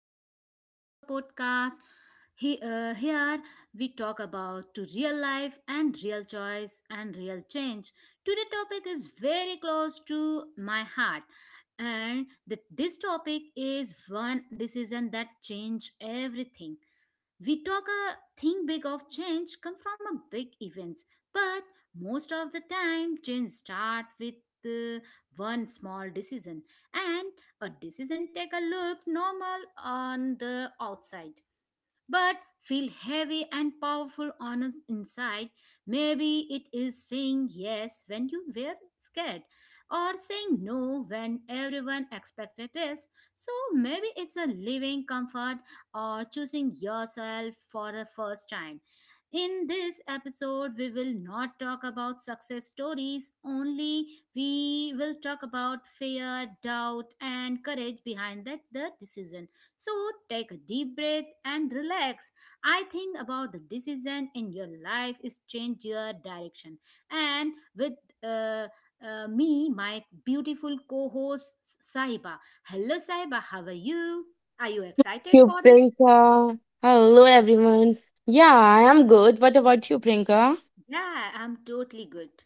Welcome back to our podcast. Here we talk about to real life and real choice and real change. Today topic is very close to my heart, and this topic is one decision that change everything. We talk a think big of change come from a big events, but most of the time change start with uh, one small decision and a decision take a look normal on the outside, but feel heavy and powerful on the inside. Maybe it is saying yes when you were scared or saying no when everyone expected this. So maybe it's a living comfort or choosing yourself for the first time. In this episode, we will not talk about success stories, only we will talk about fear, doubt, and courage behind that the decision. So take a deep breath and relax. I think about the decision in your life is change your direction. And with uh, me, my beautiful co-host Sahiba. Hello, Sahiba. How are you? Are you excited You, for it? Priyanka. Hello, everyone. Yeah, I am good. What about you, Priyanka? Yeah, I'm totally good.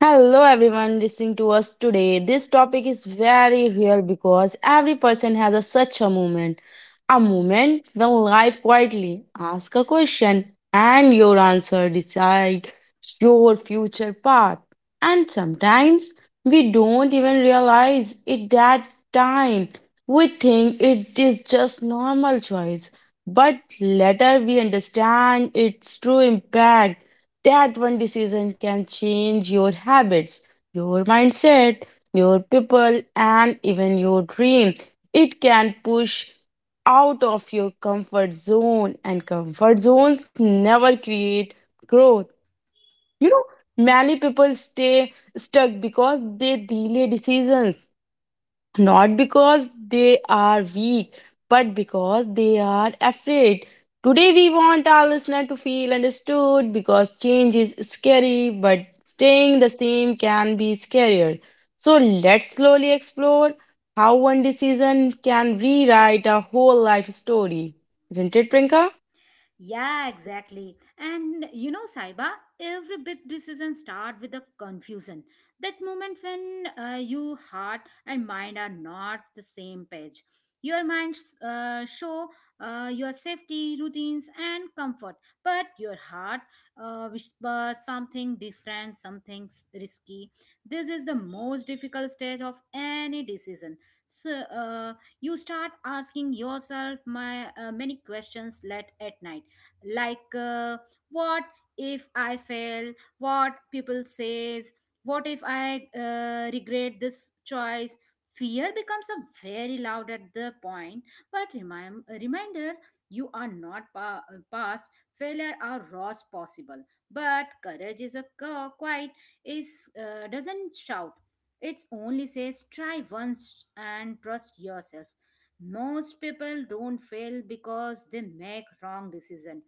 Hello, everyone listening to us today. This topic is very real because every person has such a moment. A moment when life quietly asks a question and your answer decides your future path. And sometimes we don't even realize it that time. We think it is just normal choice, but later we understand its true impact that one decision can change your habits, your mindset, your people, and even your dream. It can push out of your comfort zone, and comfort zones never create growth. You know, many people stay stuck because they delay decisions not because they are weak, but because they are afraid. Today, we want our listener to feel understood because change is scary, but staying the same can be scarier. So, let's slowly explore how one decision can rewrite a whole life story. Isn't it, Prinka? Yeah, exactly. And you know, Saiba, every big decision start with a confusion. That moment when your heart and mind are not the same page. Your mind show your safety routines and comfort, but your heart whispers something different, risky. This is the most difficult stage of any decision. So you start asking yourself my many questions late at night like what if I fail, what people says, what if I regret this choice. Fear becomes a very loud at the point, but reminder, you are not past failure are raws possible, but courage is a quiet, is doesn't shout. It only says try once and trust yourself. Most people don't fail because they make wrong decision,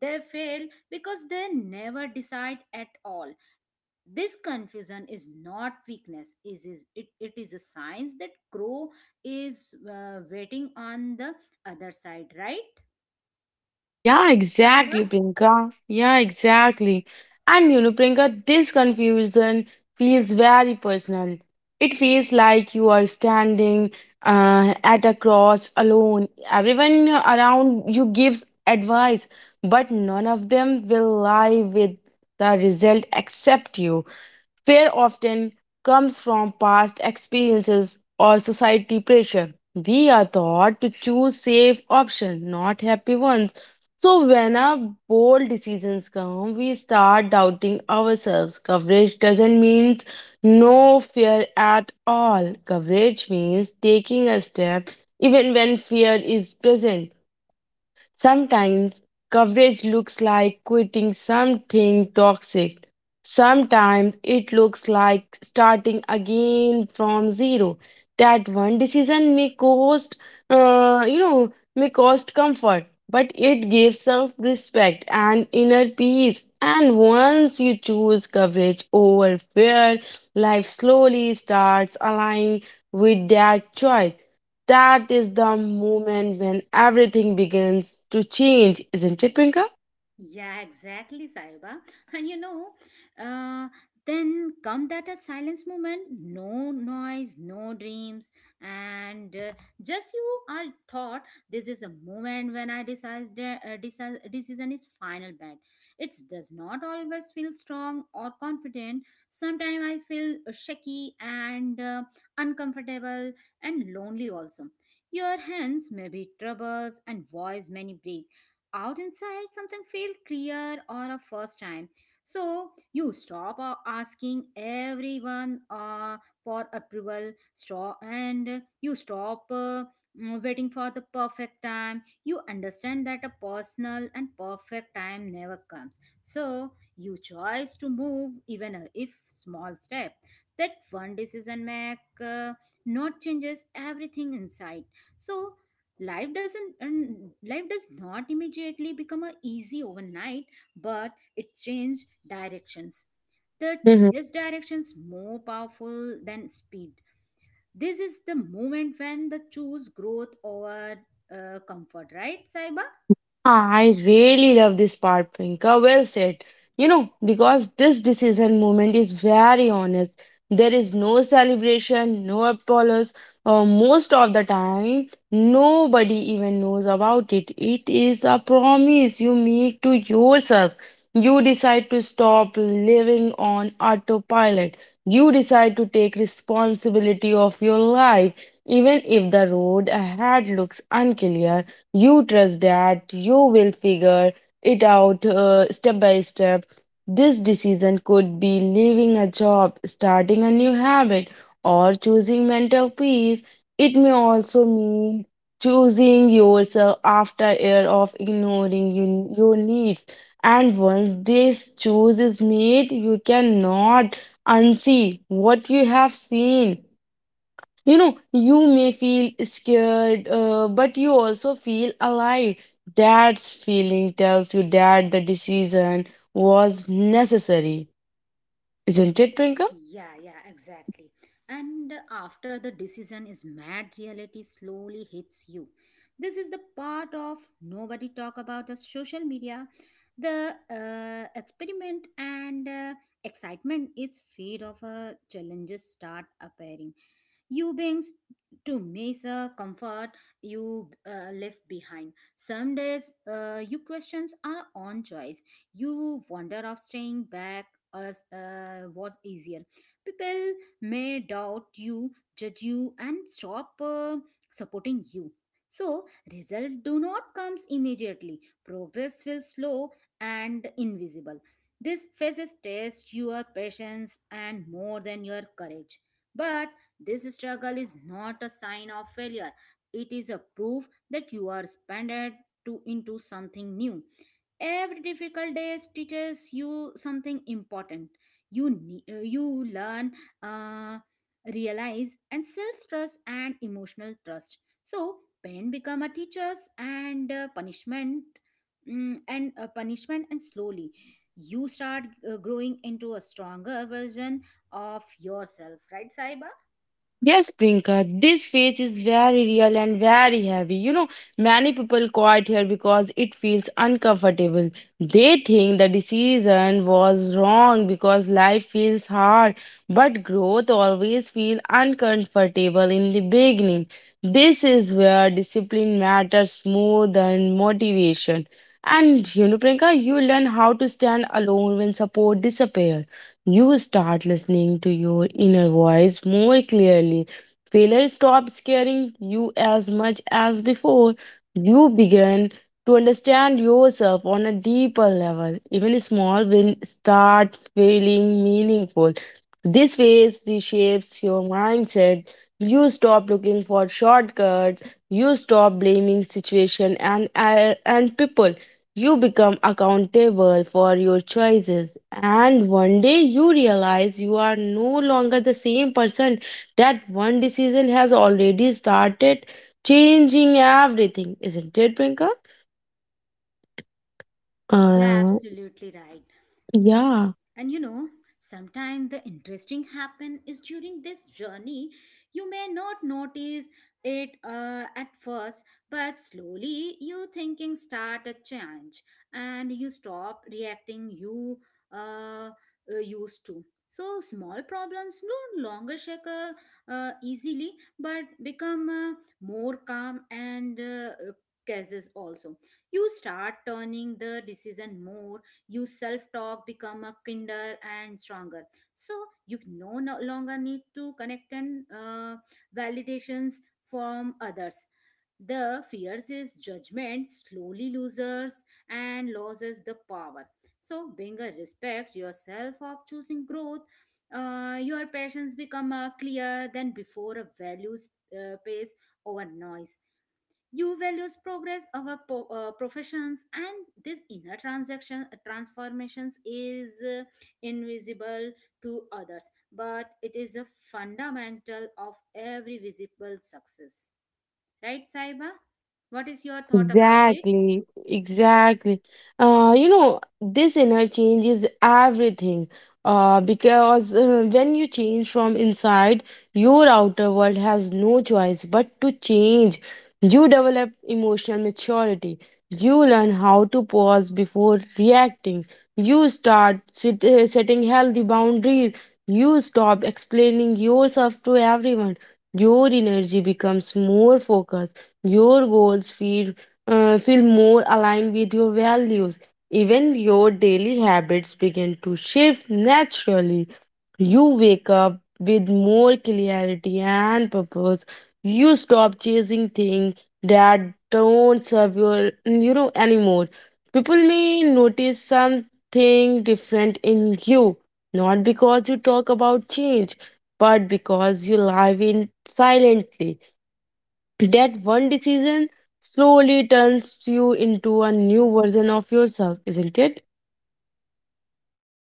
they fail because they never decide at all. This confusion is not weakness. It is a sign that crow is waiting on the other side, right, Yeah, Saiba? exactly, Priyanka. Yeah, exactly. And you know, Priyanka, this confusion feels very personal. It feels like you are standing at a cross alone. Everyone around you gives advice, but none of them will lie with the result except you. Fear often comes from past experiences or society pressure. We are taught to choose safe options, not happy ones. So when our bold decisions come, we start doubting ourselves. Coverage doesn't mean no fear at all. Coverage means taking a step even when fear is present. Sometimes coverage looks like quitting something toxic. Sometimes it looks like starting again from zero. That one decision may cost, you know, may cost comfort, but it gives self respect and inner peace. And once you choose coverage over fear, life slowly starts aligning with that choice. That is the moment when everything begins to change, isn't it, Prinka? Yeah, exactly, Saiba. And you know, uh, then come that a silence moment, no noise, no dreams, and just you are thought. This is a moment when I decide decision is final bad. It does not always feel strong or confident. Sometimes I feel shaky and uncomfortable and lonely also. Your hands may be troubles and voice many break out, inside something felt clear or a first time. So you stop asking everyone for approval, stop, and you stop waiting for the perfect time. You understand that a personal and perfect time never comes, so you choose to move even if small step. That one decision make not changes everything inside. So life does not immediately become a easy overnight, but it changes directions. The changes directions more powerful than speed. This is the moment when the choose growth over comfort, right, Saiba? Ah, I really love this part, Priyanka. Well said. You know, because this decision moment is very honest. There is no celebration, no applause. Most of the time, nobody even knows about it. It is a promise you make to yourself. You decide to stop living on autopilot. You decide to take responsibility of your life, even if the road ahead looks unclear you trust that you will figure it out step by step. This decision could be leaving a job, starting a new habit, or choosing mental peace. It may also mean choosing yourself after a year of ignoring you, your needs. And once this choice is made, you cannot unsee what you have seen. You know, you may feel scared, but you also feel alive. Dad's feeling tells you that the decision was necessary. Isn't it, Pinka? Yeah, yeah, exactly. And after the decision is made, reality slowly hits you. This is the part of nobody talk about the social media. The experiment and excitement is fade of challenges start appearing. You beings to miss a comfort you left behind. Some days you questions are on choice. You wonder of staying back as was easier. People may doubt you, judge you, and stop supporting you. So result do not comes immediately. Progress feels slow and invisible. This phases test your patience and more than your courage. But this struggle is not a sign of failure. It is a proof that you are expanded to into something new. Every difficult day teaches you something important. You learn uh, realize and self trust and emotional trust. So pain become a teachers and punishment, and slowly you start growing into a stronger version of yourself, right, Saiba? Yes, Prinka. This phase is very real and very heavy. You know, many people quit here because it feels uncomfortable. They think the decision was wrong because life feels hard, but growth always feels uncomfortable in the beginning. This is where discipline matters more than motivation. And you know, Prinka, you learn how to stand alone when support disappears. You start listening to your inner voice more clearly. Failure stops scaring you as much as before. You begin to understand yourself on a deeper level. Even small wins start feeling meaningful. This phase reshapes your mindset. You stop looking for shortcuts. You stop blaming situation and people you become accountable for your choices, and one day you realize you are no longer the same person. That one decision has already started changing everything, isn't it, Brinka? Yeah, Uh, absolutely right. yeah. And you know, sometimes the interesting happen is during this journey. You may not notice it at first, but slowly your thinking start a change, and you stop reacting you uh, used to. So small problems no longer shake easily, but become more calm and cases also. You start turning the decision more, you self talk become a kinder and stronger. So you no longer need to connect and validations from others. The fears is judgment slowly loses and loses the power, so being a respect yourself of choosing growth. Your passions become clearer than before, a values pace over noise. You values progress our professions, and this inner transaction transformations is invisible to others, but it is a fundamental of every visible success. Right, Saiba? What is your Yeah, thought about it? exactly, exactly. You know, this inner change is everything. Because when you change from inside, your outer world has no choice but to change. You develop emotional maturity. You learn how to pause before reacting. You start setting healthy boundaries. You stop explaining yourself to everyone. Your energy becomes more focused your goals feel feel more aligned with your values. Even your daily habits begin to shift naturally. You wake up with more clarity and purpose. You stop chasing things that don't serve your you know anymore. People may notice something different in you, not because you talk about change, but because you live in silently that one decision slowly turns you into a new version of yourself, isn't it?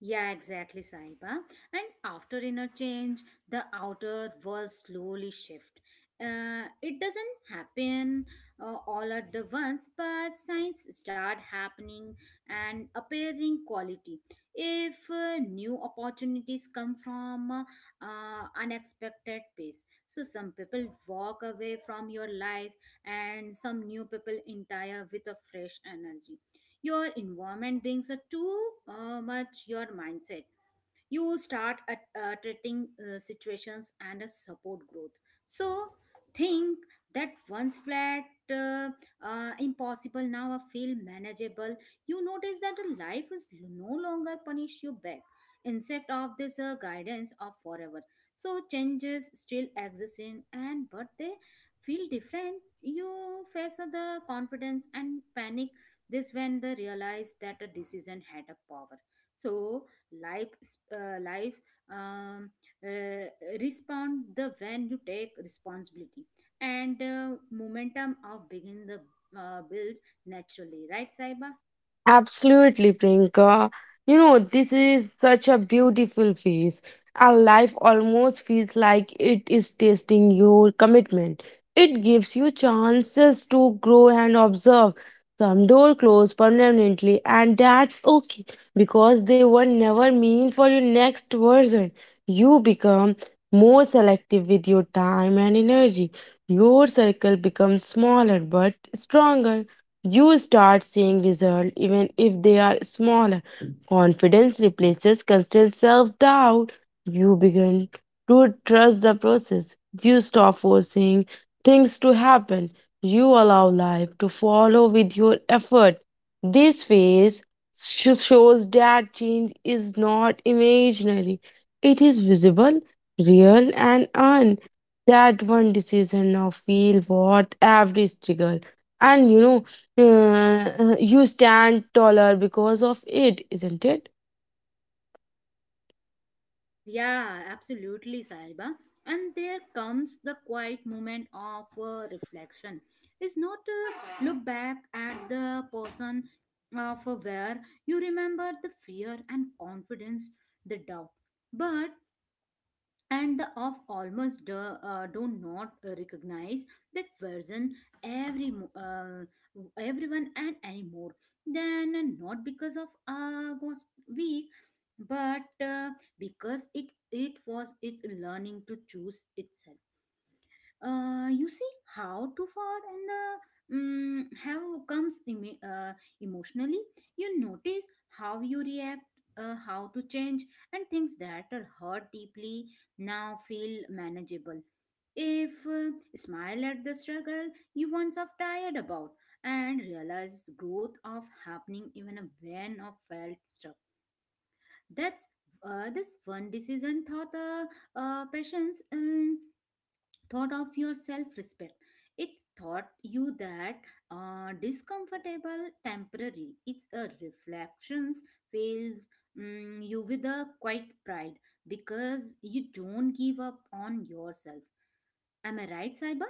Yeah, exactly, Saiba. And after inner change, the outer world slowly shift. It doesn't happen all at the once, but signs start happening and appearing quality. If new opportunities come from unexpected pace, so some people walk away from your life, and some new people entire with a fresh energy. Your environment brings a too much your mindset. You start at treating situations and a support growth. So think that once flat uh, impossible, now a feel manageable. You notice that a life is no longer punish you back, instead of this guidance of forever. So changes still exist in, and but they feel different. You face the confidence and panic. This when they realize that a decision had a power. So life life um, uh, respond the when you take responsibility and momentum of begin the build naturally, right, Saiba? Absolutely, Priyanka. You know, this is such a beautiful phase. Our life almost feels like it is testing your commitment. It gives you chances to grow and observe. Some doors close permanently, and that's okay because they were never meant for your next version. You become more selective with your time and energy. Your circle becomes smaller but stronger. You start seeing results even if they are smaller. Confidence replaces constant self doubt. You begin to trust the process. You stop forcing things to happen. You allow life to follow with your effort. This phase shows that change is not imaginary, it is visible, real, and earned. That one decision now feel worth every struggle. And you know, uh, you stand taller because of it, isn't it? Yeah, absolutely, Saiba. And there comes the quiet moment of reflection. It's not to look back at the person of where you remember the fear and confidence, the doubt, but and the of almost do not recognize that version. Every everyone and anymore, then not because of was weak, but because it was it learning to choose itself. You see how too far and the have comes emotionally. You notice how you react how to change, and things that are hurt deeply now feel manageable. If smile at the struggle you once have tired about and realize growth of happening even when of felt stuck. That's this one decision thought patience. Thought of your self respect. It taught you that discomfortable temporary. It's a reflections fails, you with a quiet pride because you don't give up on yourself. Am I right, Saiba?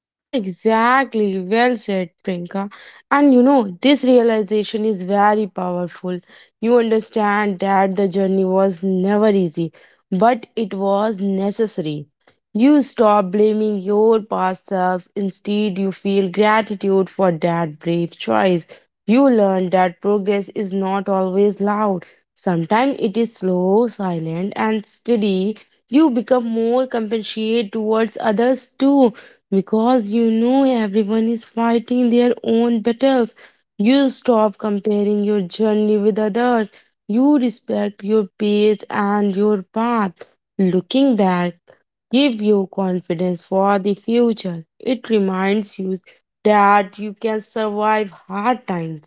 Yeah, exactly. Well said, Priyanka. And you know, this realization is very powerful. You understand that the journey was never easy, but it was necessary. You stop blaming your past self. Instead, you feel gratitude for that brave choice. You learn that progress is not always loud. Sometimes it is slow, silent, and steady. You become more compassionate towards others too because you know everyone is fighting their own battles. You stop comparing your journey with others. You respect your pace and your path. Looking back, give you confidence for the future. It reminds you that you can survive hard times.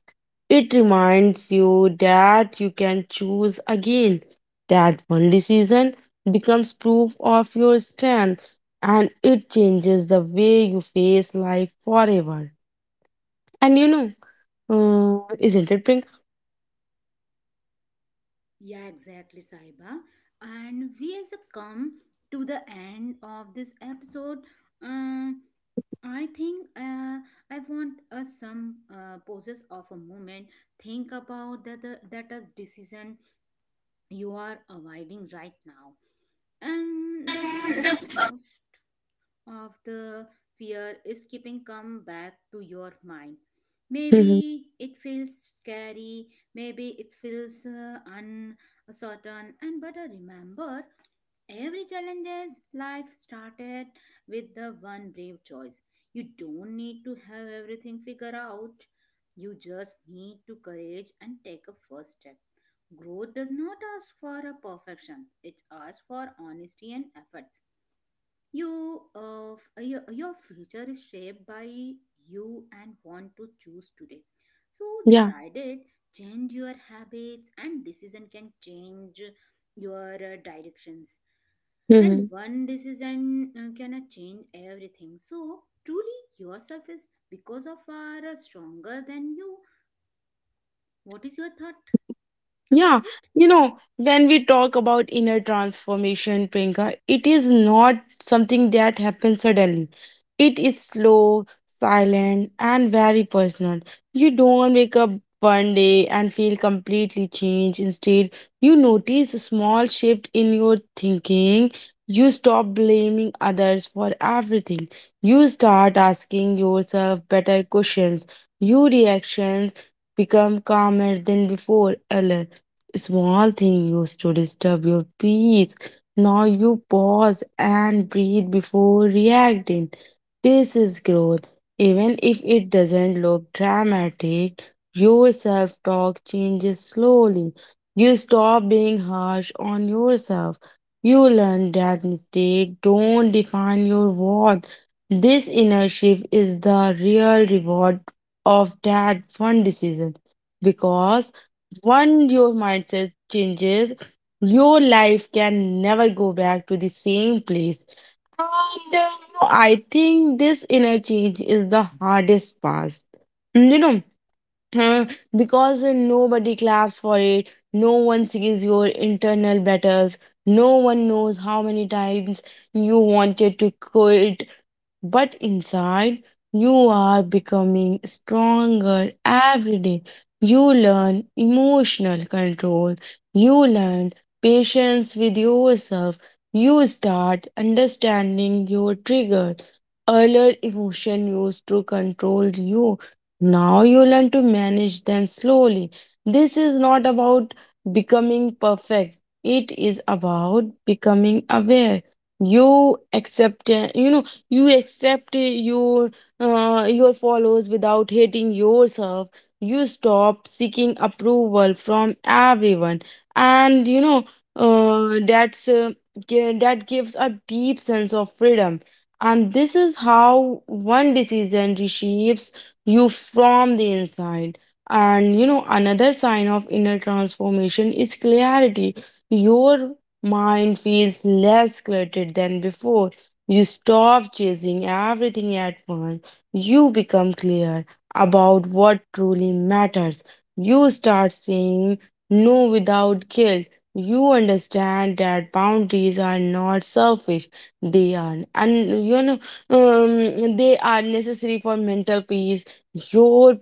It reminds you that you can choose again, that one decision becomes proof of your strength, and it changes the way you face life forever. And you know, isn't it, Prinka? Yeah, exactly, Saiba. And we as a come to the end of this episode. Um, I think I want us some pauses of a moment. Think about that a decision you are avoiding right now, and the most of the fear is keeping come back to your mind. Mhm. Maybe it feels scary, maybe it feels uncertain, and but I remember every challenges life started with the one brave choice. You don't need to have everything figured out, you just need to courage and take a first step. Growth does not ask for a perfection, it asks for honesty and effort. Your future is shaped by you and want to choose today. So Yeah. decide it, change your habits, and decision can change your directions. And Mhm. one decision can change everything. So truly, yourself is because of are stronger than you. What is your thought about Yeah, it? you know, when we talk about inner transformation, Priyanka, it is not something that happens suddenly. It is slow, silent, and very personal. You don't wake up one day and feel completely changed. Instead, you notice a small shift in your thinking. You stop blaming others for everything. You start asking yourself better questions. Your reactions become calmer than before earlier small thing used to disturb your peace. Now you pause and breathe before reacting. This is growth. Even if it doesn't look dramatic, your self talk changes slowly. You stop being harsh on yourself. You learn that mistakes don't define your worth. This inner shift is the real reward of that one decision because once your mindset changes, your life can never go back to the same place. And You know, I think this inner change is the hardest part. You know, uh, because nobody claps for it, no one sees your internal battles, no one knows how many times you wanted to quit but inside you are becoming stronger every day. You learn emotional control, you learn patience with yourself, you start understanding your triggers. Earlier, emotion used to control you. Now you learn to manage them slowly. This is not about becoming perfect. It is about becoming aware. You accept, you know, you accept your followers without hating yourself you stop seeking approval from everyone and you know uh, that's uh, that gives a deep sense of freedom and this is how one decision reshapes you from the inside and you know another sign of inner transformation is clarity your mind feels less cluttered than before you stop chasing everything at once. You become clear about what truly matters. You start saying no without guilt. You understand that boundaries are not selfish. They are and you know they are necessary for mental peace. Your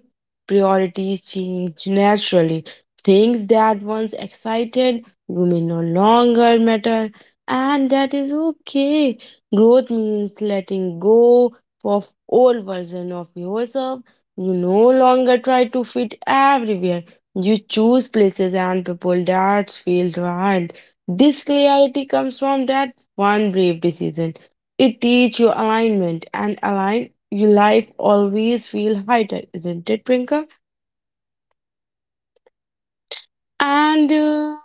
priorities change naturally. Things that once excited you may no longer matter and that is okay. Growth means letting go of old version of yourself. You no longer try to fit everywhere. You choose places and people that feel right. This clarity comes from that one brave decision. It teaches you alignment and align your life always feel lighter, isn't it, Prinka? And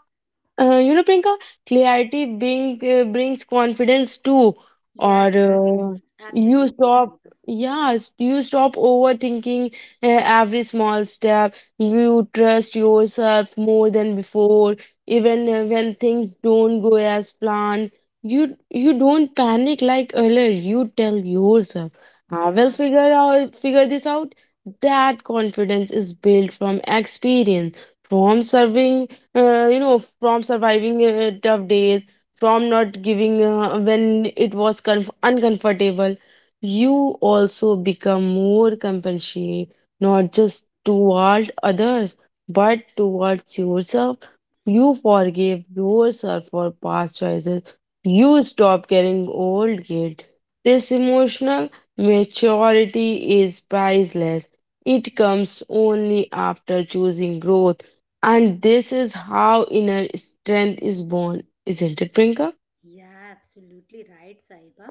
You know, Priyanka, clarity being brings confidence too. Or Yeah, yeah, You absolutely, stop, Saiba. yes, you stop overthinking every small step. You trust yourself more than before, even when things don't go as planned. You don't panic like earlier. You tell yourself, "I will Yeah. Figure this out." That confidence is built from experience from serving you know from surviving tough days from not giving when it was uncomfortable you also become more compassionate not just toward others but towards yourself you forgive yourself for past choices you stop carrying old guilt this emotional maturity is priceless it comes only after choosing growth and this is how inner strength is born, isn't it, Prinka? Yeah, absolutely right, Saiba.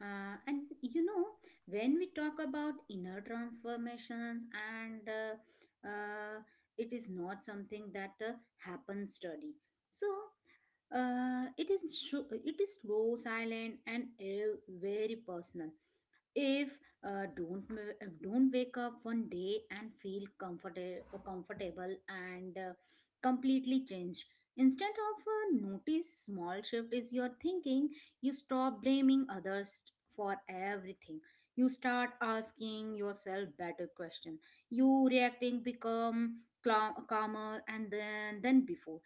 And you know, when we talk about inner transformations, and it is not something that happens study. So it is slow, silent, and very personal. If don't don't wake up one day and feel comfortable and completely changed. Instead of notice small shift is your thinking, you stop blaming others for everything, you start asking yourself better question. You reacting become calmer and then than before.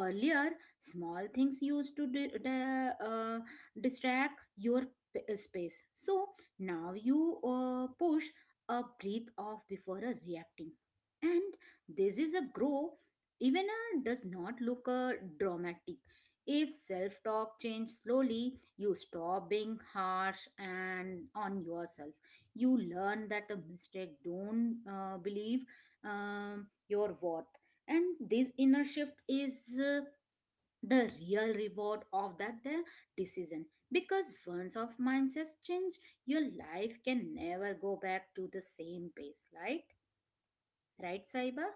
Earlier small things used to distract your space. So now you push a breathe off before a reacting. And this is a grow even a does not look dramatic. If self talk change slowly, you stop being harsh and on yourself. You learn that a mistake don't believe your worth. And this inner shift is the real reward of that the decision, because once of mindsets change, your life can never go back to the same pace, right, right Saiba?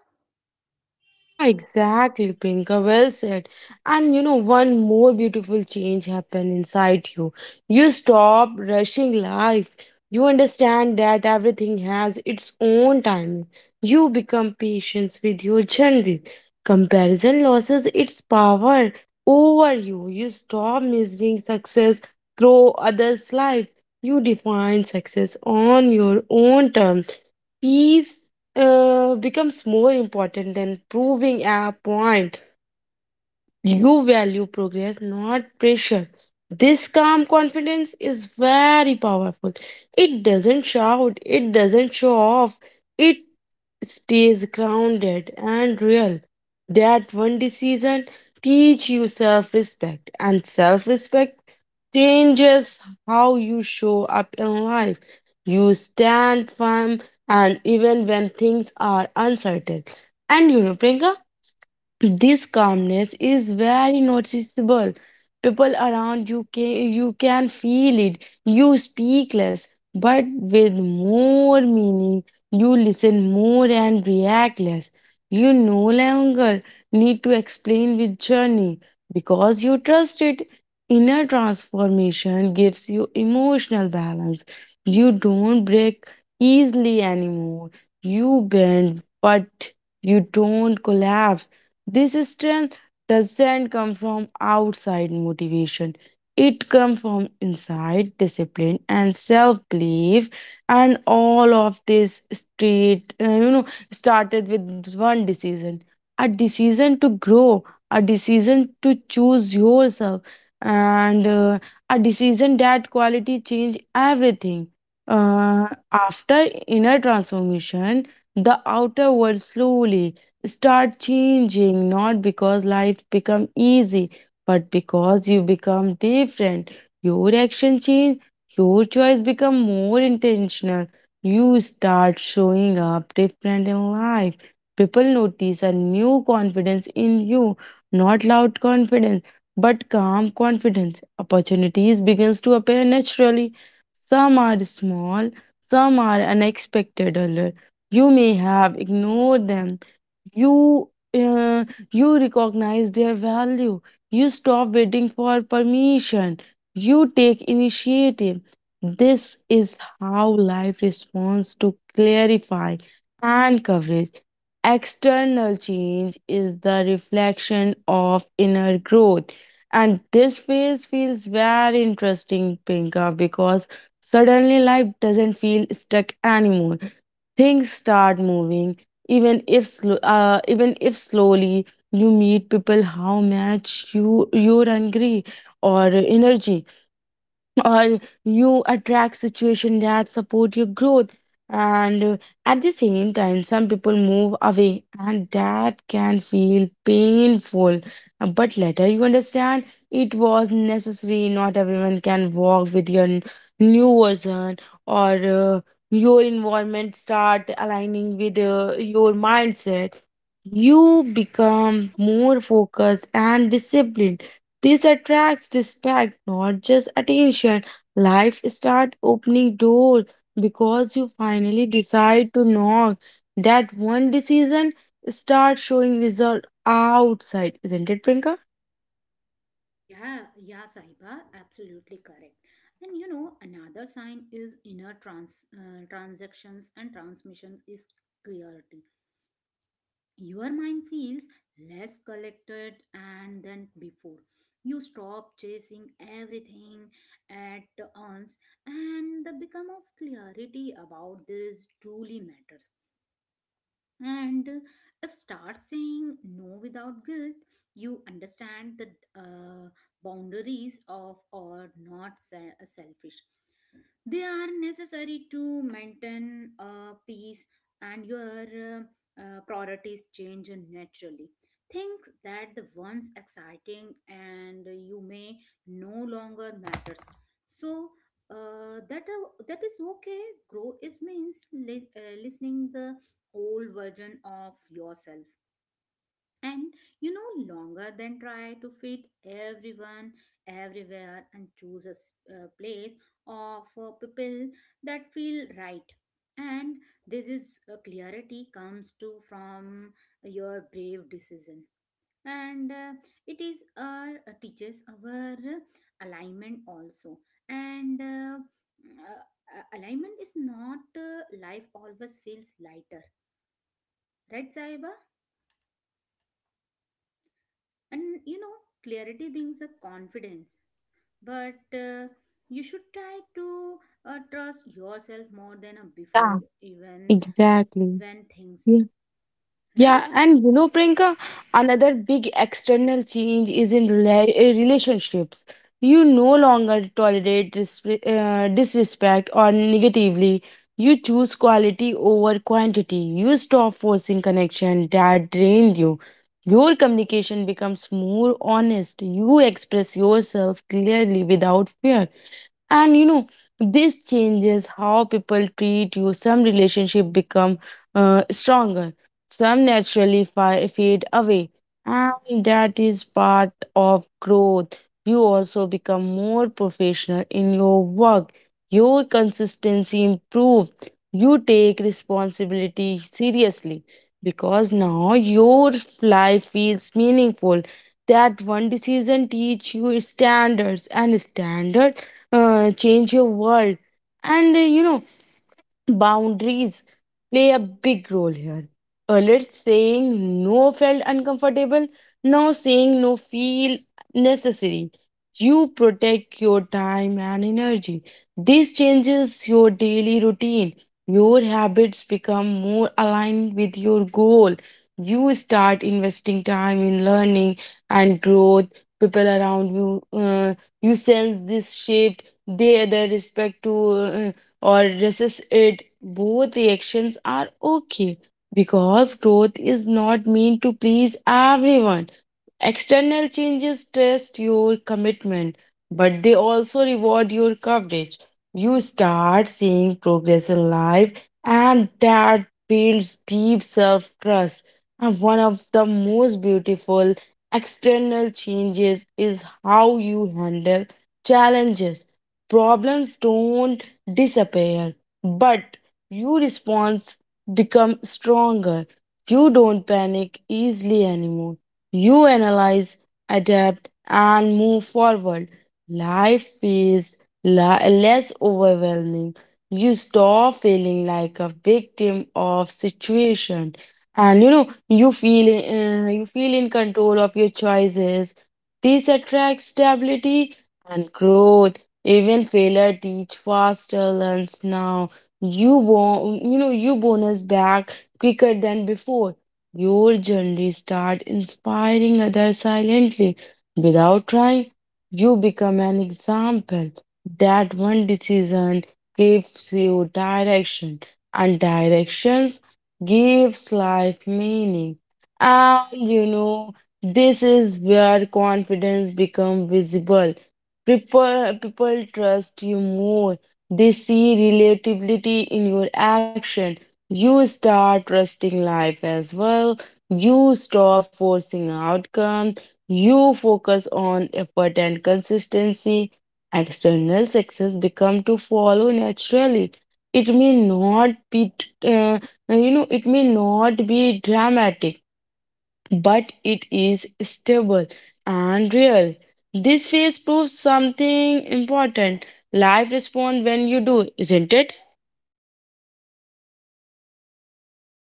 Yeah, exactly, Priyanka. Well said. And you know, one more beautiful change happened inside you. You stop rushing life. You understand that everything has its own timing. You become patient with your journey. Comparison loses its power over you. You stop measuring success through others' life. You define success on your own terms peace becomes more important than proving a point. You value progress, not pressure. This calm confidence is very powerful. It doesn't shout, it doesn't show off, it stays grounded and real. That one decision teach you self-respect and self-respect changes how you show up in life. You stand firm and even when things are uncertain. And you know, Priyanka, this calmness is very noticeable. People around you can feel it. You speak less, but with more meaning. You listen more and react less. You no longer need to explain with journey because you trust it. Inner transformation gives you emotional balance. You don't break easily anymore. You bend, but you don't collapse this strength doesn't come from outside motivation. It comes from inside discipline and self-belief, and all of this straight, started with one decision: a decision to grow, a decision to choose yourself, and a decision that quality change everything. After inner transformation, the outer world slowly start changing not because life become easy but because you become different. Your action change, your choice become more intentional. You start showing up different in life. People notice a new confidence in you, not loud confidence but calm confidence. Opportunities begins to appear naturally. Some are small, some are unexpected alert. You may have ignored them. You uh, you recognize their value. You stop waiting for permission. You take initiative. This is how life responds to clarify and coverage. External change is the reflection of inner growth, and this phase feels very interesting pinka because suddenly life doesn't feel stuck anymore. Things start moving, even if even if slowly you meet people how much you your hungry or energy or you attract situations that support your growth. And at the same time some people move away and that can feel painful. But later you understand it was necessary. Not everyone can walk with your new version or uh, your environment start aligning with your mindset. You become more focused and disciplined. This attracts respect, not just attention. Life start opening doors because you finally decide to knock. That one decision start showing result outside, isn't it, Prinka? Yeah, yeah, Sahiba. Absolutely correct. And you know, another sign is inner transactions and transmissions is clarity. Your mind feels less collected and than before. You stop chasing everything at once, and the become of clarity about this truly matters. And if start saying no without guilt, you understand the uh, boundaries of or not selfish. They are necessary to maintain peace. And your priorities change naturally. Things that the once exciting and you may no longer matters. So that is okay. Grow is means listening the old version of yourself. And you know longer than try to fit everyone everywhere, and choose a a place of people that feel right. And this is clarity comes to from your brave decision. And it is our teaches our alignment also. And uh, alignment is not life always feels lighter, right Saiba? And you know, clarity brings a confidence, but you should try to trust yourself more than Yeah. before even Exactly. when things Yeah. right. Yeah, and you know, Priyanka, another big external change is in relationships. You no longer tolerate disrespect or negatively. You choose quality over quantity. You stop forcing connection that drains you. Your communication becomes more honest. You express yourself clearly without fear, and you know, this changes how people treat you. Some relationship become stronger, some naturally fade away, and that is part of growth. You also become more professional in your work. Your consistency improves. You take responsibility seriously because now your life feels meaningful. That one decision teach you standards and standards change your world. And you know, boundaries play a big role here. Earlier, saying no felt uncomfortable. Now, saying no feel necessary. You protect your time and energy. This changes your daily routine. Your habits become more aligned with your goal. You start investing time in learning and growth. People around you, you sense this shift. They, the respect to or resist it, both reactions are okay because growth is not meant to please everyone. External changes test your commitment, but they also reward your coverage. You start seeing progress in life, and that builds deep self trust. And one of the most beautiful external changes is how you handle challenges. Problems don't disappear, but your response becomes stronger. You don't panic easily anymore. You analyze, adapt, and move forward. Life feels less overwhelming. You stop feeling like a victim of situation, and you know you feel in control of your choices. This attracts stability and growth. Even failure teach faster learns now. You know you bonus back quicker than before. Your journey start inspiring others silently, without trying. You become an example. That one decision gives you direction, and directions gives life meaning. And you know, this is where confidence becomes visible. People trust you more. They see relatability in your action. You start trusting life as well. You stop forcing outcome. You focus on effort and consistency. External success become to follow naturally. It may not be, uh, it may not be dramatic, but it is stable and real. This phase proves something important. Life responds when you do, isn't it?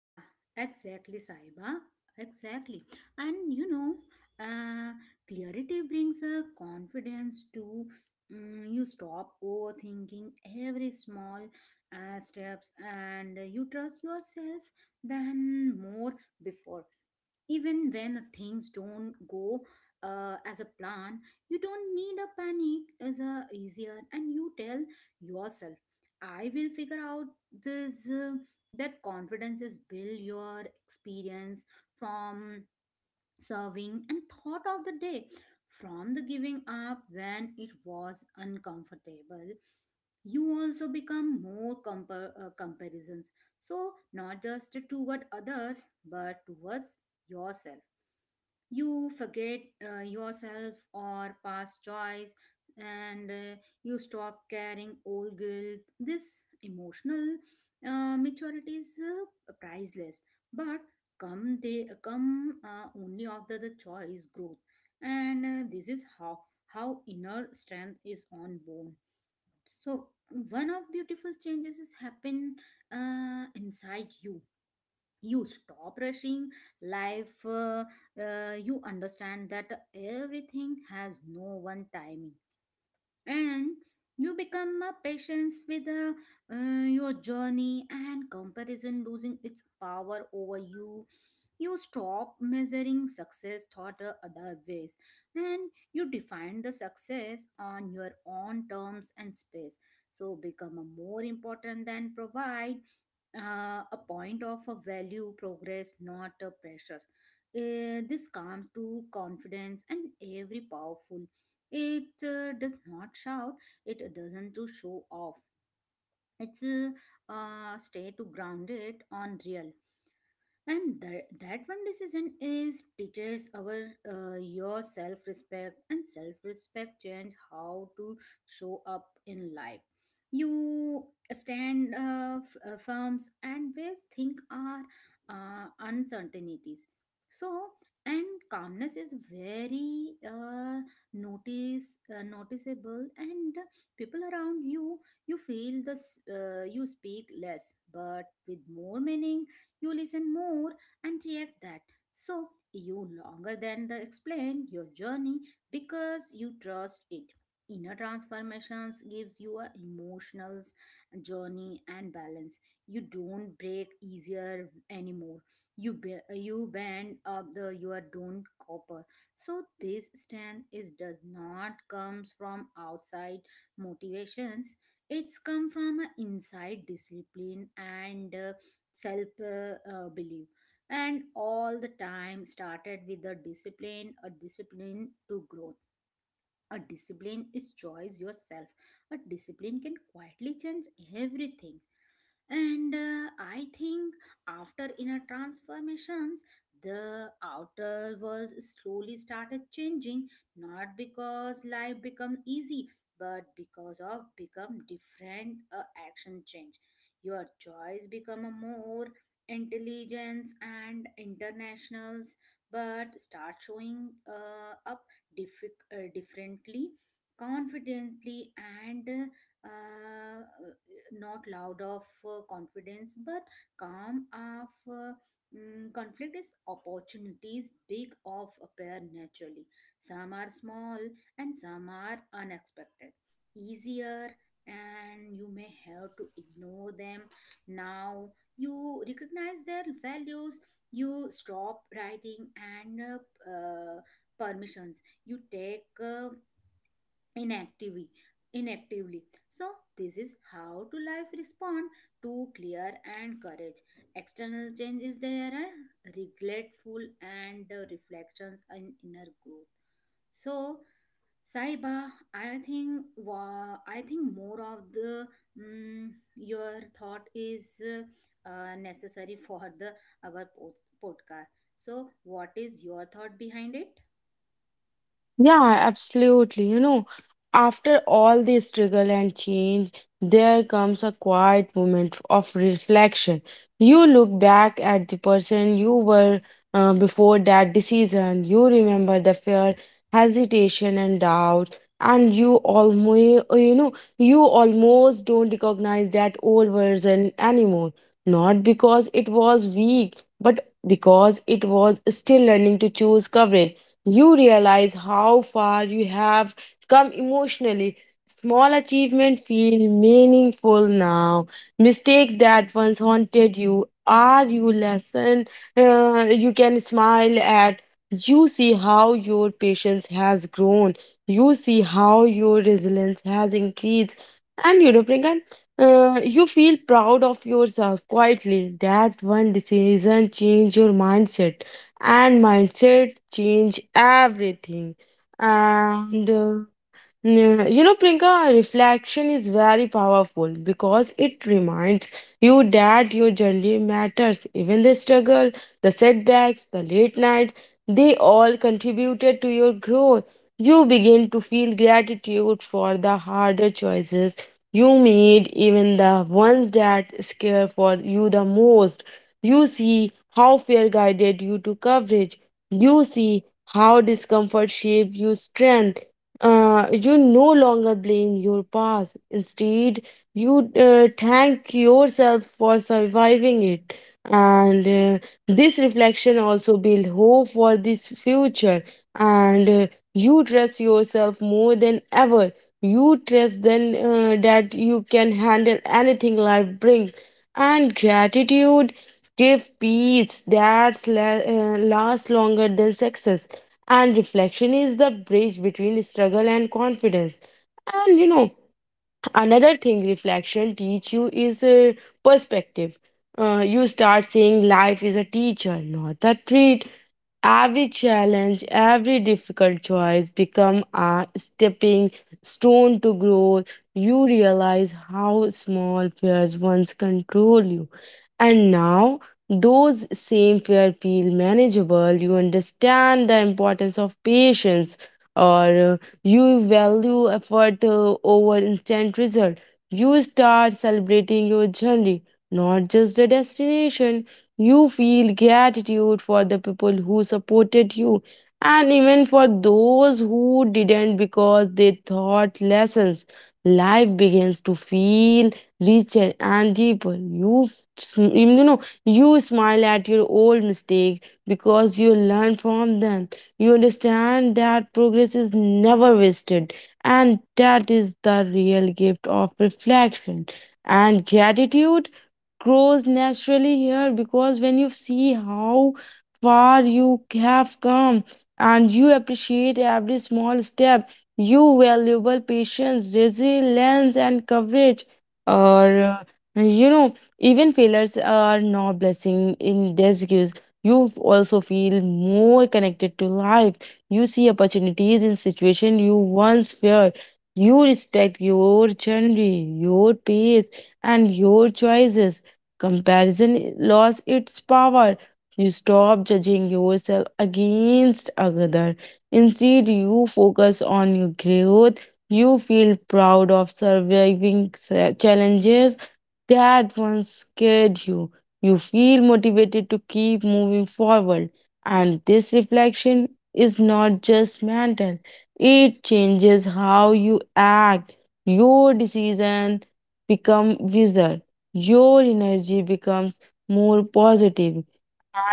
Yeah, exactly Saiba, exactly. And you know, uh, clarity brings a confidence to you stop overthinking every small steps, and you trust yourself than more before even when things don't go as a plan. You don't need a panic as a easier, and you tell yourself I will figure out this that confidence is build your experience from serving and thought of the day, from the giving up when it was uncomfortable. You also become more comparisons, so not just toward others but towards yourself. You forget yourself or past joys, and you stop carrying old guilt. This emotional maturity is priceless, but come they come only after the choice growth. And this is how inner strength is on unborn. So one of beautiful changes is happen inside you. You stop rushing life you understand that everything has no one timing, and you become a patience with your journey, and comparison losing its power over you. You stop measuring success thought other ways, and you define the success on your own terms and space. So become a more important than provide a point of a value progress, not a pressures. This comes to confidence and every powerful. It does not shout, it doesn't to show off. It's stay to grounded on real. And that one decision is teaches our your self respect, and self respect change how to show up in life. You stand firms and where think are uncertainties. So and calmness is very noticeable, and people around you you feel this you speak less but with more meaning. You listen more and react that. So you longer than the explain your journey because you trust it. Inner transformations gives you a emotional journey and balance. You don't break easier anymore. You bend up the you are don't copper. So this strength is does not comes from outside motivations. It's come from an inside discipline and self belief. And all the time started with a discipline, a discipline to growth. A discipline is choice yourself. A discipline can quietly change everything. And I think after inner transformations, the outer world slowly started changing, not because life become easy, but because of become different action change. Your choice become a more intelligence and internationals, but start showing up differently, confidently, and not loud of confidence but calm of conflict is opportunities big of appear naturally. Some are small and some are unexpected easier, and you may have to ignore them now. You recognize their values. You stop writing and permissions. You take uh, inactively, inactively. So this is how to life respond to clear and courage. External change is there are regretful and reflections and inner growth. So, Saiba, I think more of the mm your thought is necessary for the our podcast. So, what is your thought behind it? Yeah, absolutely. You know, after all this struggle and change, there comes a quiet moment of reflection. You look back at the person you were before that decision. You remember the fear, hesitation, and doubt. And you almost don't recognize that old version anymore. Not because it was weak, but because it was still learning to choose courage. You realize how far you have come emotionally. Small achievements feel meaningful now. Mistakes that once haunted you are you lesson you can smile at. You see how your patience has grown. You see how your resilience has increased. And you know, Priyanka, you feel proud of yourself quietly. That one decision changed your mindset and mindset change everything, and yeah. You know, Prinka, reflection is very powerful because it reminds you that your journey matters. Even the struggle, the setbacks, the late nights, they all contributed to your growth. You begin to feel gratitude for the harder choices you made, even the ones that scare for you the most. You see how fear guided you to coverage. You see how discomfort shaped you strength. You no longer blame your past. Instead, you thank yourself for surviving it. And this reflection also builds hope for this future. And You trust yourself more than ever. You trust then that you can handle anything life brings. And gratitude give peace that lasts longer than success, and reflection is the bridge between struggle and confidence. And you know, another thing reflection teach you is perspective. You start seeing life is a teacher not a treat. Every challenge, every difficult choice become a stepping stone to growth. You realize how small fears once control you. And now those same fear feel manageable. You understand the importance of patience or you value effort over instant result. You start celebrating your journey, not just the destination. You feel gratitude for the people who supported you and even for those who didn't because they thought lessons. Life begins to feel richer and deeper. You know, you smile at your old mistake because you learn from them. You understand that progress is never wasted, and that is the real gift of reflection and gratitude grows naturally here because when you see how far you have come and you appreciate every small step, you valuable patience, resilience, and coverage. Or, even failures are no blessing in disguise. You also feel more connected to life. You see opportunities in situation you once feared. You respect your journey, your pace, and your choices. Comparison lost its power. You stop judging yourself against another. Instead, you focus on your growth. You feel proud of surviving challenges that once scared you. You feel motivated to keep moving forward. And this reflection is not just mental, it changes how you act. Your decision become wiser, your energy becomes more positive,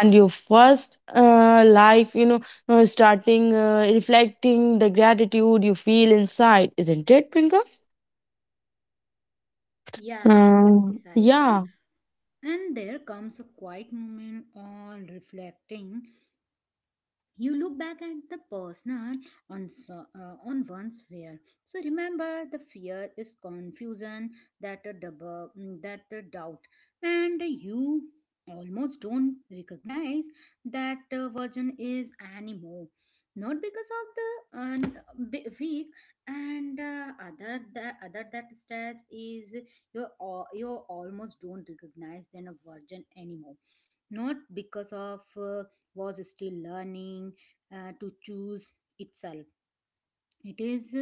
and your first life, you know, starting reflecting the gratitude you feel inside, isn't it, Prinka? Yeah, absolutely, Saiba. Yeah. And there comes a quiet moment on reflecting. You look back at the person on so, on one's fear, so remember the fear is confusion that a double that a doubt, and you almost don't recognize that version is anymore. Not because of the weak, and other that stage is you almost don't recognize then a version anymore, not because of was still learning to choose itself. It is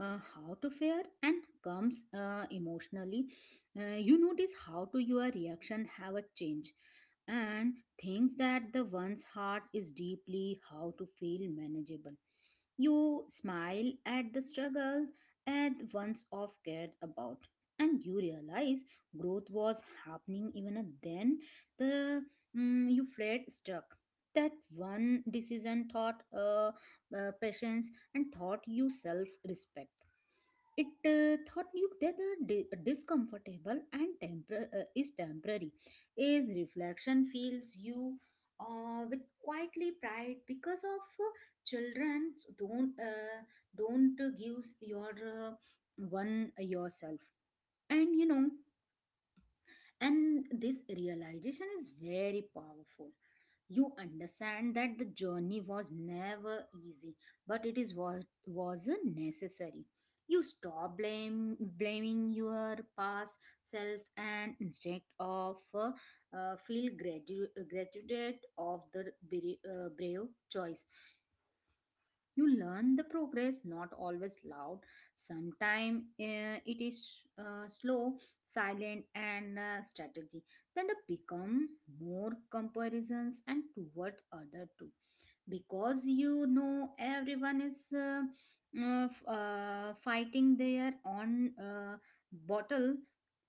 how to fare, and comes emotionally. You notice how to your reaction have a change, and things that the one's heart is deeply how to feel manageable. You smile at the struggle at once of cared about, and you realize growth was happening even then. The you fled stuck that one decision thought patience, and taught you self respect. It taught you that the discomfortable and is temporary. Is reflection fills you with quietly pride because of children don't give your one yourself. And you know, and this realization is very powerful. You understand that the journey was never easy, but it is was wasn't necessary. You stop blame blaming your past self, and instead of feel gratitude of the brave choice. You learn the progress not always loud, sometimes it is slow, silent, and strategy. Then the become more comparisons and towards other too, because you know everyone is fighting their own bottle.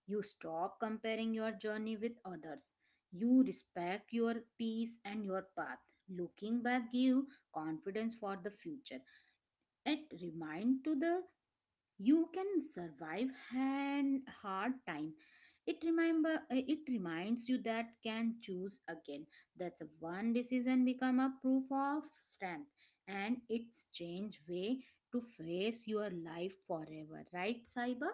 You stop comparing your journey with others. You respect your peace and your path. Looking back give confidence for the future. It remind to the you can survive and hard time. It remember it reminds you that can choose again. That's a one decision become a proof of strength, and it's change way to face your life forever, right Saiba?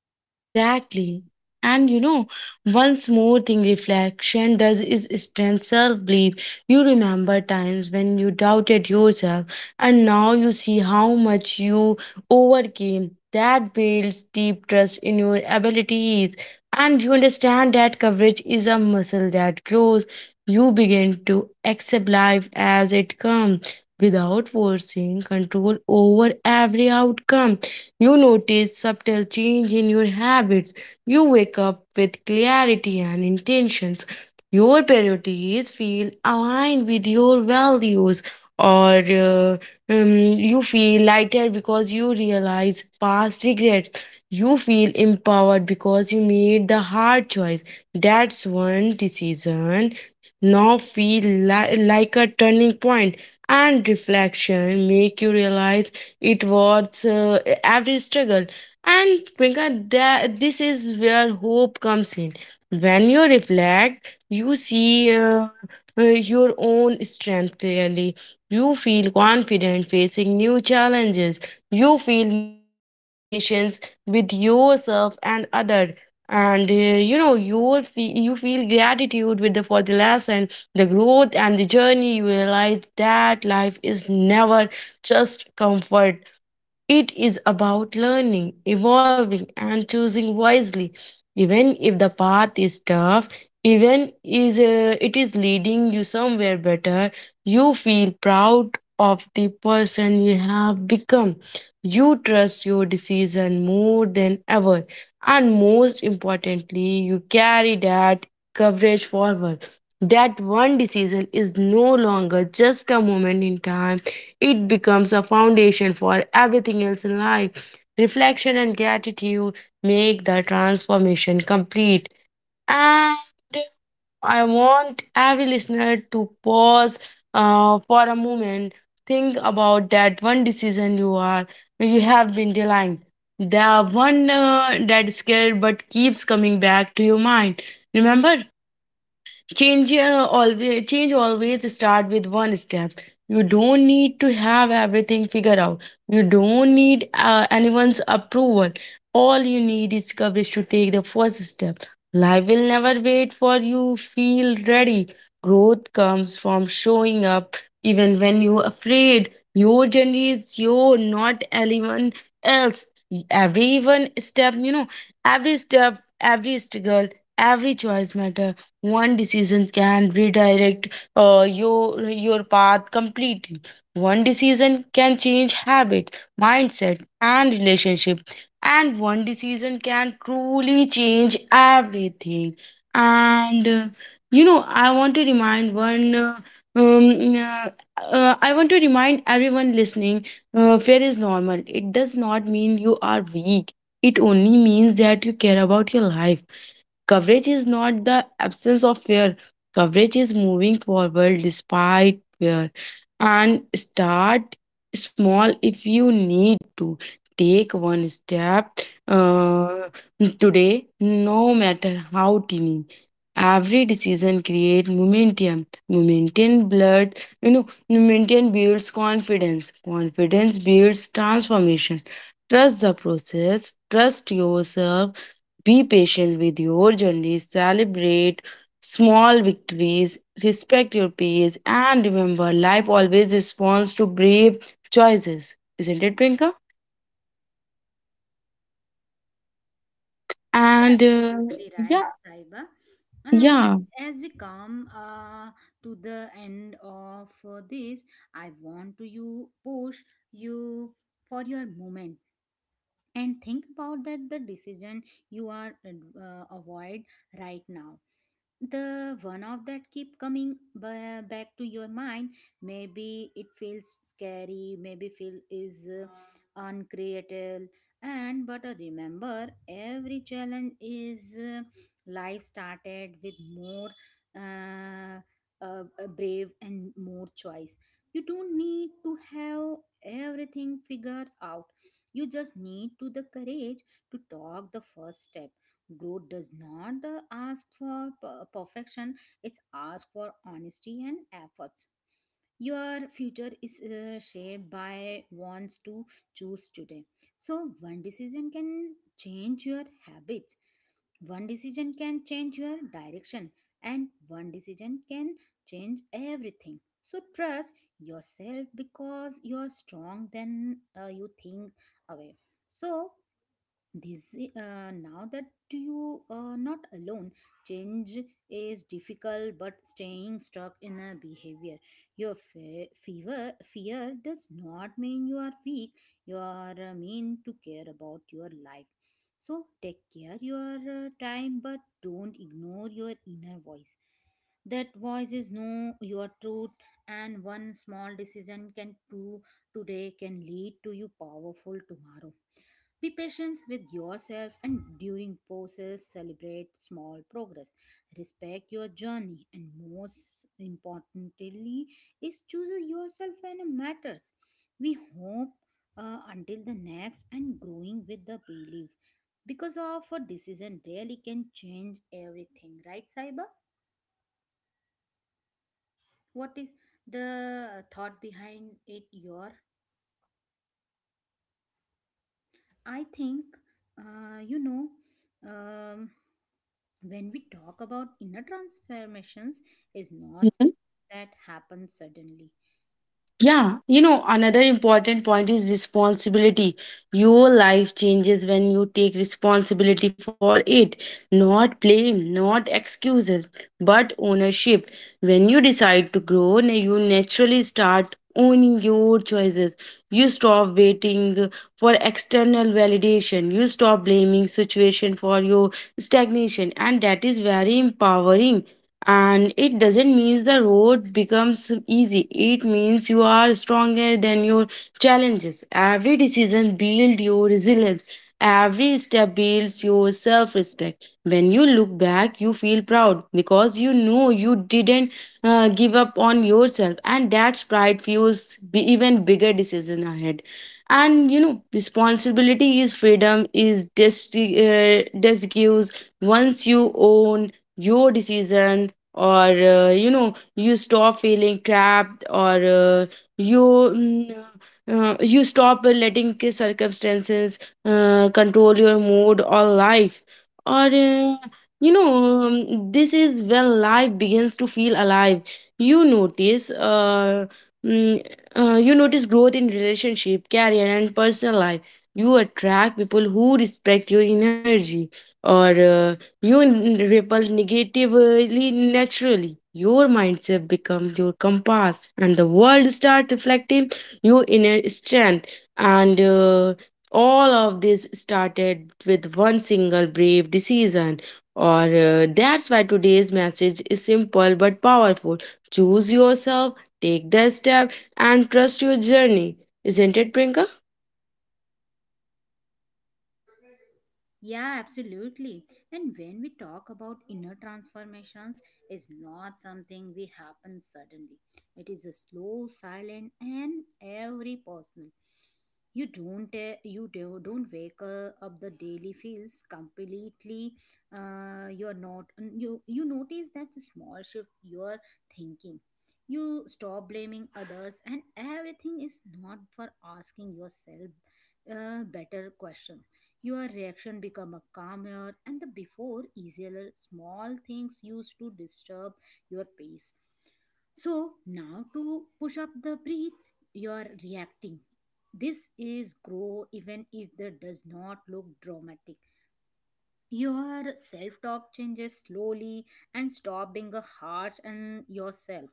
Yeah, exactly. And you know, one more thing reflection does is strengthen self belief. You remember times when you doubted yourself, and now you see how much you overcame. That builds deep trust in your abilities, and you understand that coverage is a muscle that grows. You begin to accept life as it comes without forcing control over every outcome. You notice subtle change in your habits. You wake up with clarity and intentions. Your priorities feel aligned with your values, or um, you feel lighter because you realize past regrets. You feel empowered because you made the hard choice. That's one decision. Now feel like a turning point, and reflection make you realize it was every struggle. And Priyanka, that, this is where hope comes in. When you reflect, you see your own strength clearly. You feel confident facing new challenges. You feel more patience with yourself and other. And you know you feel gratitude with the for the lesson, the growth and the journey. You realize that life is never just comfort. It is about learning, evolving, and choosing wisely. Even if the path is tough, even is it is leading you somewhere better, you feel proud of the person you have become. You trust your decision more than ever, and most importantly, you carry that coverage forward. That one decision is no longer just a moment in time. It becomes a foundation for everything else in life. Reflection and gratitude make the transformation complete. And I want every listener to pause for a moment. Think about that one decision you have been delaying. The one that is scared but keeps coming back to your mind. Remember, change always start with one step. You don't need to have everything figured out. You don't need anyone's approval. All you need is courage to take the first step. Life will never wait for you feel ready. Growth comes from showing up even when you're afraid. Your journey is your not anyone else. Everyone step, you know, every step, every struggle, every choice matter. One decision can redirect your path completely. One decision can change habits, mindset, and relationship. And one decision can truly change everything. And you know, I want to remind one. Um, uh, I want to remind everyone listening: fear is normal. It does not mean you are weak. It only means that you care about your life. Coverage is not the absence of fear. Coverage is moving forward despite fear. And start small if you need to. Take one step uh, today, no matter how tiny. Every decision creates momentum. Momentum builds confidence. Confidence builds transformation. Trust the process. Trust yourself, be patient with your journey, celebrate small victories, respect your pace, and remember life always responds to brave choices. Isn't it, Prinka? Yeah, And absolutely right, Yeah, Saiba. And yeah. as we come to the end of this, I want to you push you for your moment and think about that the decision you are avoid right now. The one of that keep coming back to your mind. Maybe it feels scary, maybe feel is uncreative. And but remember, every challenge is life started with more uh, brave and more choice. You don't need to have everything figures out. You just need to the courage to talk the first step. Growth does not ask for perfection. It's ask for honesty and efforts. Your future is shaped by wants to choose today. So one decision can change your habits, one decision can change your direction, and one decision can change everything. So trust yourself because you're strong than you think away. So this now that you are not alone. Change is difficult, but staying stuck in a behavior. Your fe- fever fear does not mean you are weak. You are mean to care about your life. So take care your time, but don't ignore your inner voice. That voice is know your truth, and one small decision can do today can lead to you powerful tomorrow. Be patient with yourself and during process celebrate small progress. Respect your journey, and most importantly is choose yourself when it matters. We hope until the next and growing with the belief, because of a decision really can change everything, right cyber. What is the thought behind it your I think, you know, um, when we talk about inner transformations, is not Mm-hmm. that happens suddenly. Yeah, you know, another important point is responsibility. Your life changes when you take responsibility for it. Not blame, not excuses, but ownership. When you decide to grow, you naturally start owning your choices. You stop waiting for external validation. You stop blaming situation for your stagnation, and that is very empowering, and it doesn't mean the road becomes easy. It means you are stronger than your challenges. Every decision builds your resilience. Every step builds your self-respect. When you look back, you feel proud because you know you didn't give up on yourself, and that pride fuels even bigger decision ahead. And you know, responsibility is freedom. Gives, once you own your decision. Or You know, you stop feeling trapped you mm, you stop letting circumstances control your mood or life. Or you know This is when life begins to feel alive. you notice uh, mm, you notice growth in relationship, career, and personal life. You attract people who respect your energy or you repel negatively naturally. Your mindset becomes your compass, and the world start reflecting your inner strength. And All of this started with one single brave decision. Or That's why today's message is simple but powerful. Choose yourself, take the step, and trust your journey. Isn't it, Prinka? Yeah, absolutely. And when we talk about inner transformations, is not something we happen suddenly. It is a slow, silent, and every personal. You don't don't wake up the daily feels completely. You're not you you notice that small shift you're thinking. You stop blaming others, and everything is not for asking yourself a better question. Your reaction become a calmer and the before easier. Small things used to disturb your pace. So now to push up the breath, you are reacting. This is grow even if that does not look dramatic. Your self-talk changes slowly and stop being a harsh on yourself.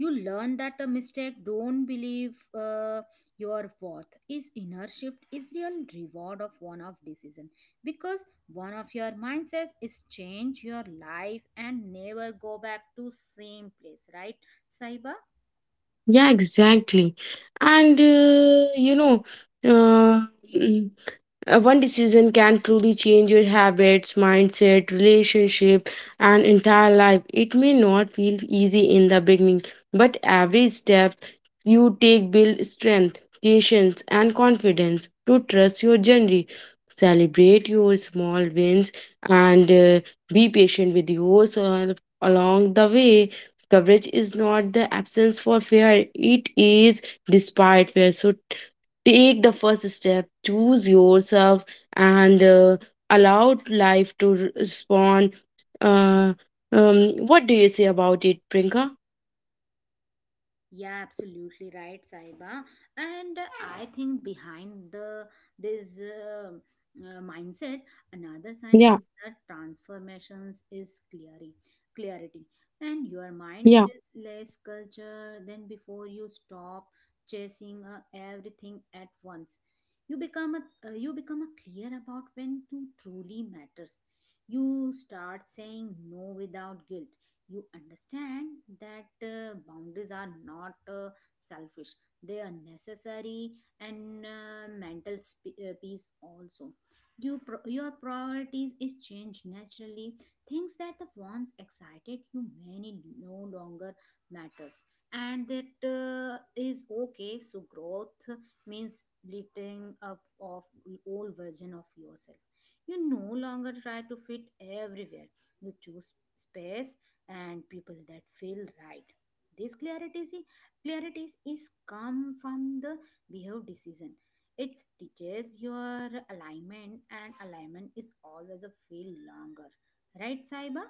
You learn that a mistake don't believe your worth is inner shift is real reward of one of decision, because one of your mindsets is change your life and never go back to same place, right Saiba? Yeah, exactly. And you know. Uh, One decision can truly change your habits, mindset, relationship, and entire life. It may not feel easy in the beginning, but every step you take builds strength, patience, and confidence to trust your journey. Celebrate your small wins and be patient with yourself along the way. Coverage is not the absence for fear, it is despite fear. So take the first step, choose yourself, and allow life to respond. uh, um, what do you say about it, prinka? Yeah, absolutely right, Saiba. And I think behind the this mindset, another sign is Yeah, that transformations is clarity, and your mind yeah. feels less culture than before. You stop chasing everything at once. You become a you become a clear about when to truly matters. You start saying no without guilt. You understand that boundaries are not selfish, they are necessary and peace also. Your priorities is changed naturally. Things that the once excited you many no longer matters, and that is okay. So growth means letting up of old version of yourself. You no longer try to fit everywhere. You choose space and people that feel right. This clarity is come from the behavior decision. It teaches your alignment, and alignment is always a feel longer. Right, Saiba?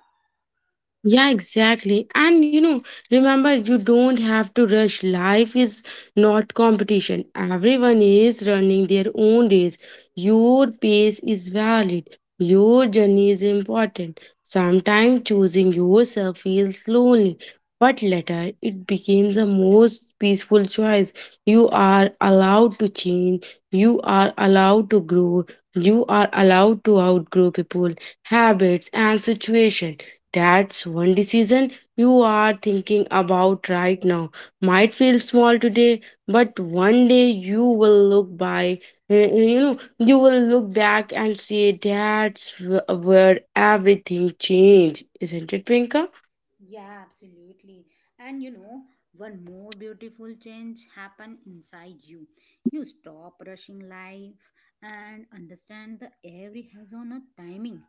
Yeah, exactly. And you know, remember, you don't have to rush. Life is not competition. Everyone is running their own race. Your pace is valid. Your journey is important. Sometimes choosing yourself feels lonely, but later it becomes the most peaceful choice. You are allowed to change. You are allowed to grow. You are allowed to outgrow people, habits, and situation. That's one decision you are thinking about right now. Might feel small today, but one day you will look by, you know, you will look back and say that's where everything changed, isn't it, Pinka? Yeah, absolutely. And you know, one more beautiful change happen inside you. You stop rushing life and understand that every has on a timing.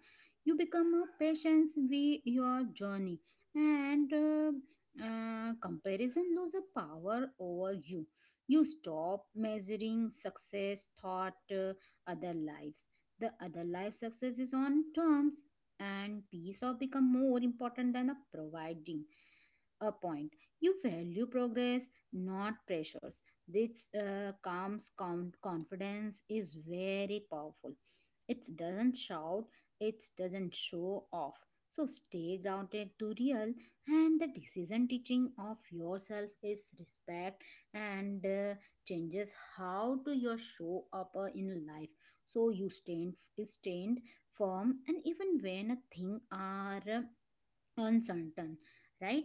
You become a patient with your journey, and comparison lose a power over you. You stop measuring success, thought, other lives. The other life success is on terms, and peace of become more important than a providing a point. You value progress, not pressures. This confidence is very powerful. It doesn't shout, it doesn't show off. So stay grounded to real, and the decision teaching of yourself is respect, and changes how to your show up in life. So you stand firm, and even when a thing are uncertain, right,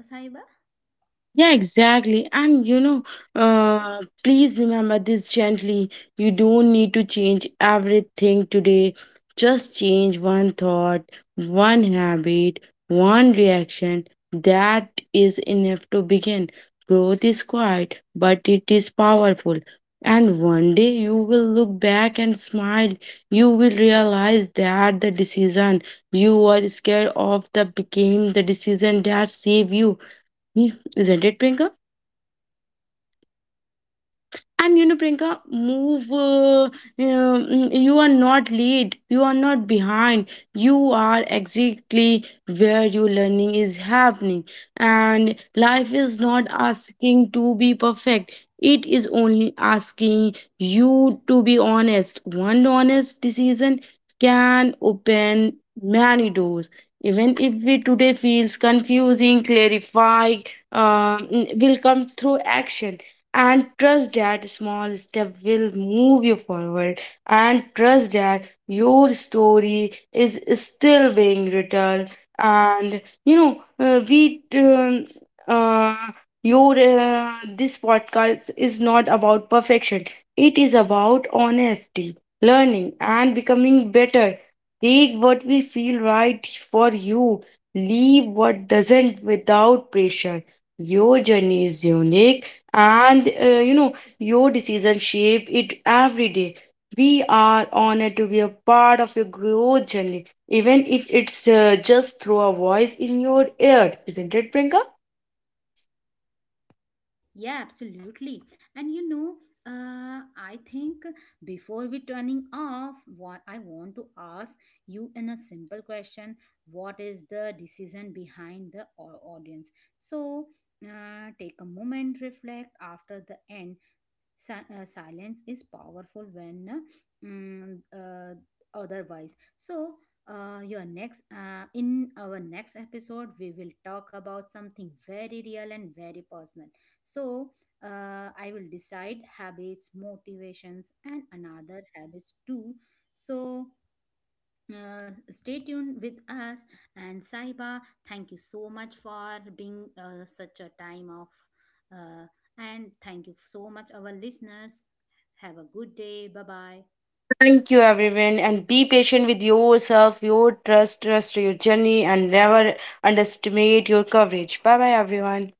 Saiba? Yeah, exactly. And you know, please remember this gently. You don't need to change everything today. Just change one thought, one habit, one reaction. That is enough to begin. Growth is quiet, but it is powerful. And one day you will look back and smile. You will realize that the decision you were scared of the became the decision that saved you. Isn't it, Prinka? And you know, Prinka, move. You are not late. You are not behind. You are exactly where your learning is happening. And life is not asking to be perfect. It is only asking you to be honest. One honest decision can open many doors. Even if we today feels confusing, clarify will come through action, and trust that small step will move you forward, and trust that your story is still being written. And you know we uh, your This podcast is not about perfection. It is about honesty, learning, and becoming better. Take what we feel right for you, leave what doesn't without pressure. Your journey is unique, and you know, your decision shape it every day. We are honored to be a part of your growth journey even if it's just through a voice in your ear. Isn't it, Prinka? Yeah, absolutely. And you know, I think before we turning off, what I want to ask you in a simple question: What is the decision behind the audience? So, take a moment, reflect after the end. Silence is powerful when otherwise. So your next in our next episode we will talk about something very real and very personal. So I will decide habits, motivations, and another habits too. So stay tuned with us. And Saiba, thank you so much for being such a time of uh, and thank you so much our listeners. Have a good day, bye bye. Thank you everyone and be patient with yourself, your trust to your journey, and never underestimate your coverage. Bye bye everyone.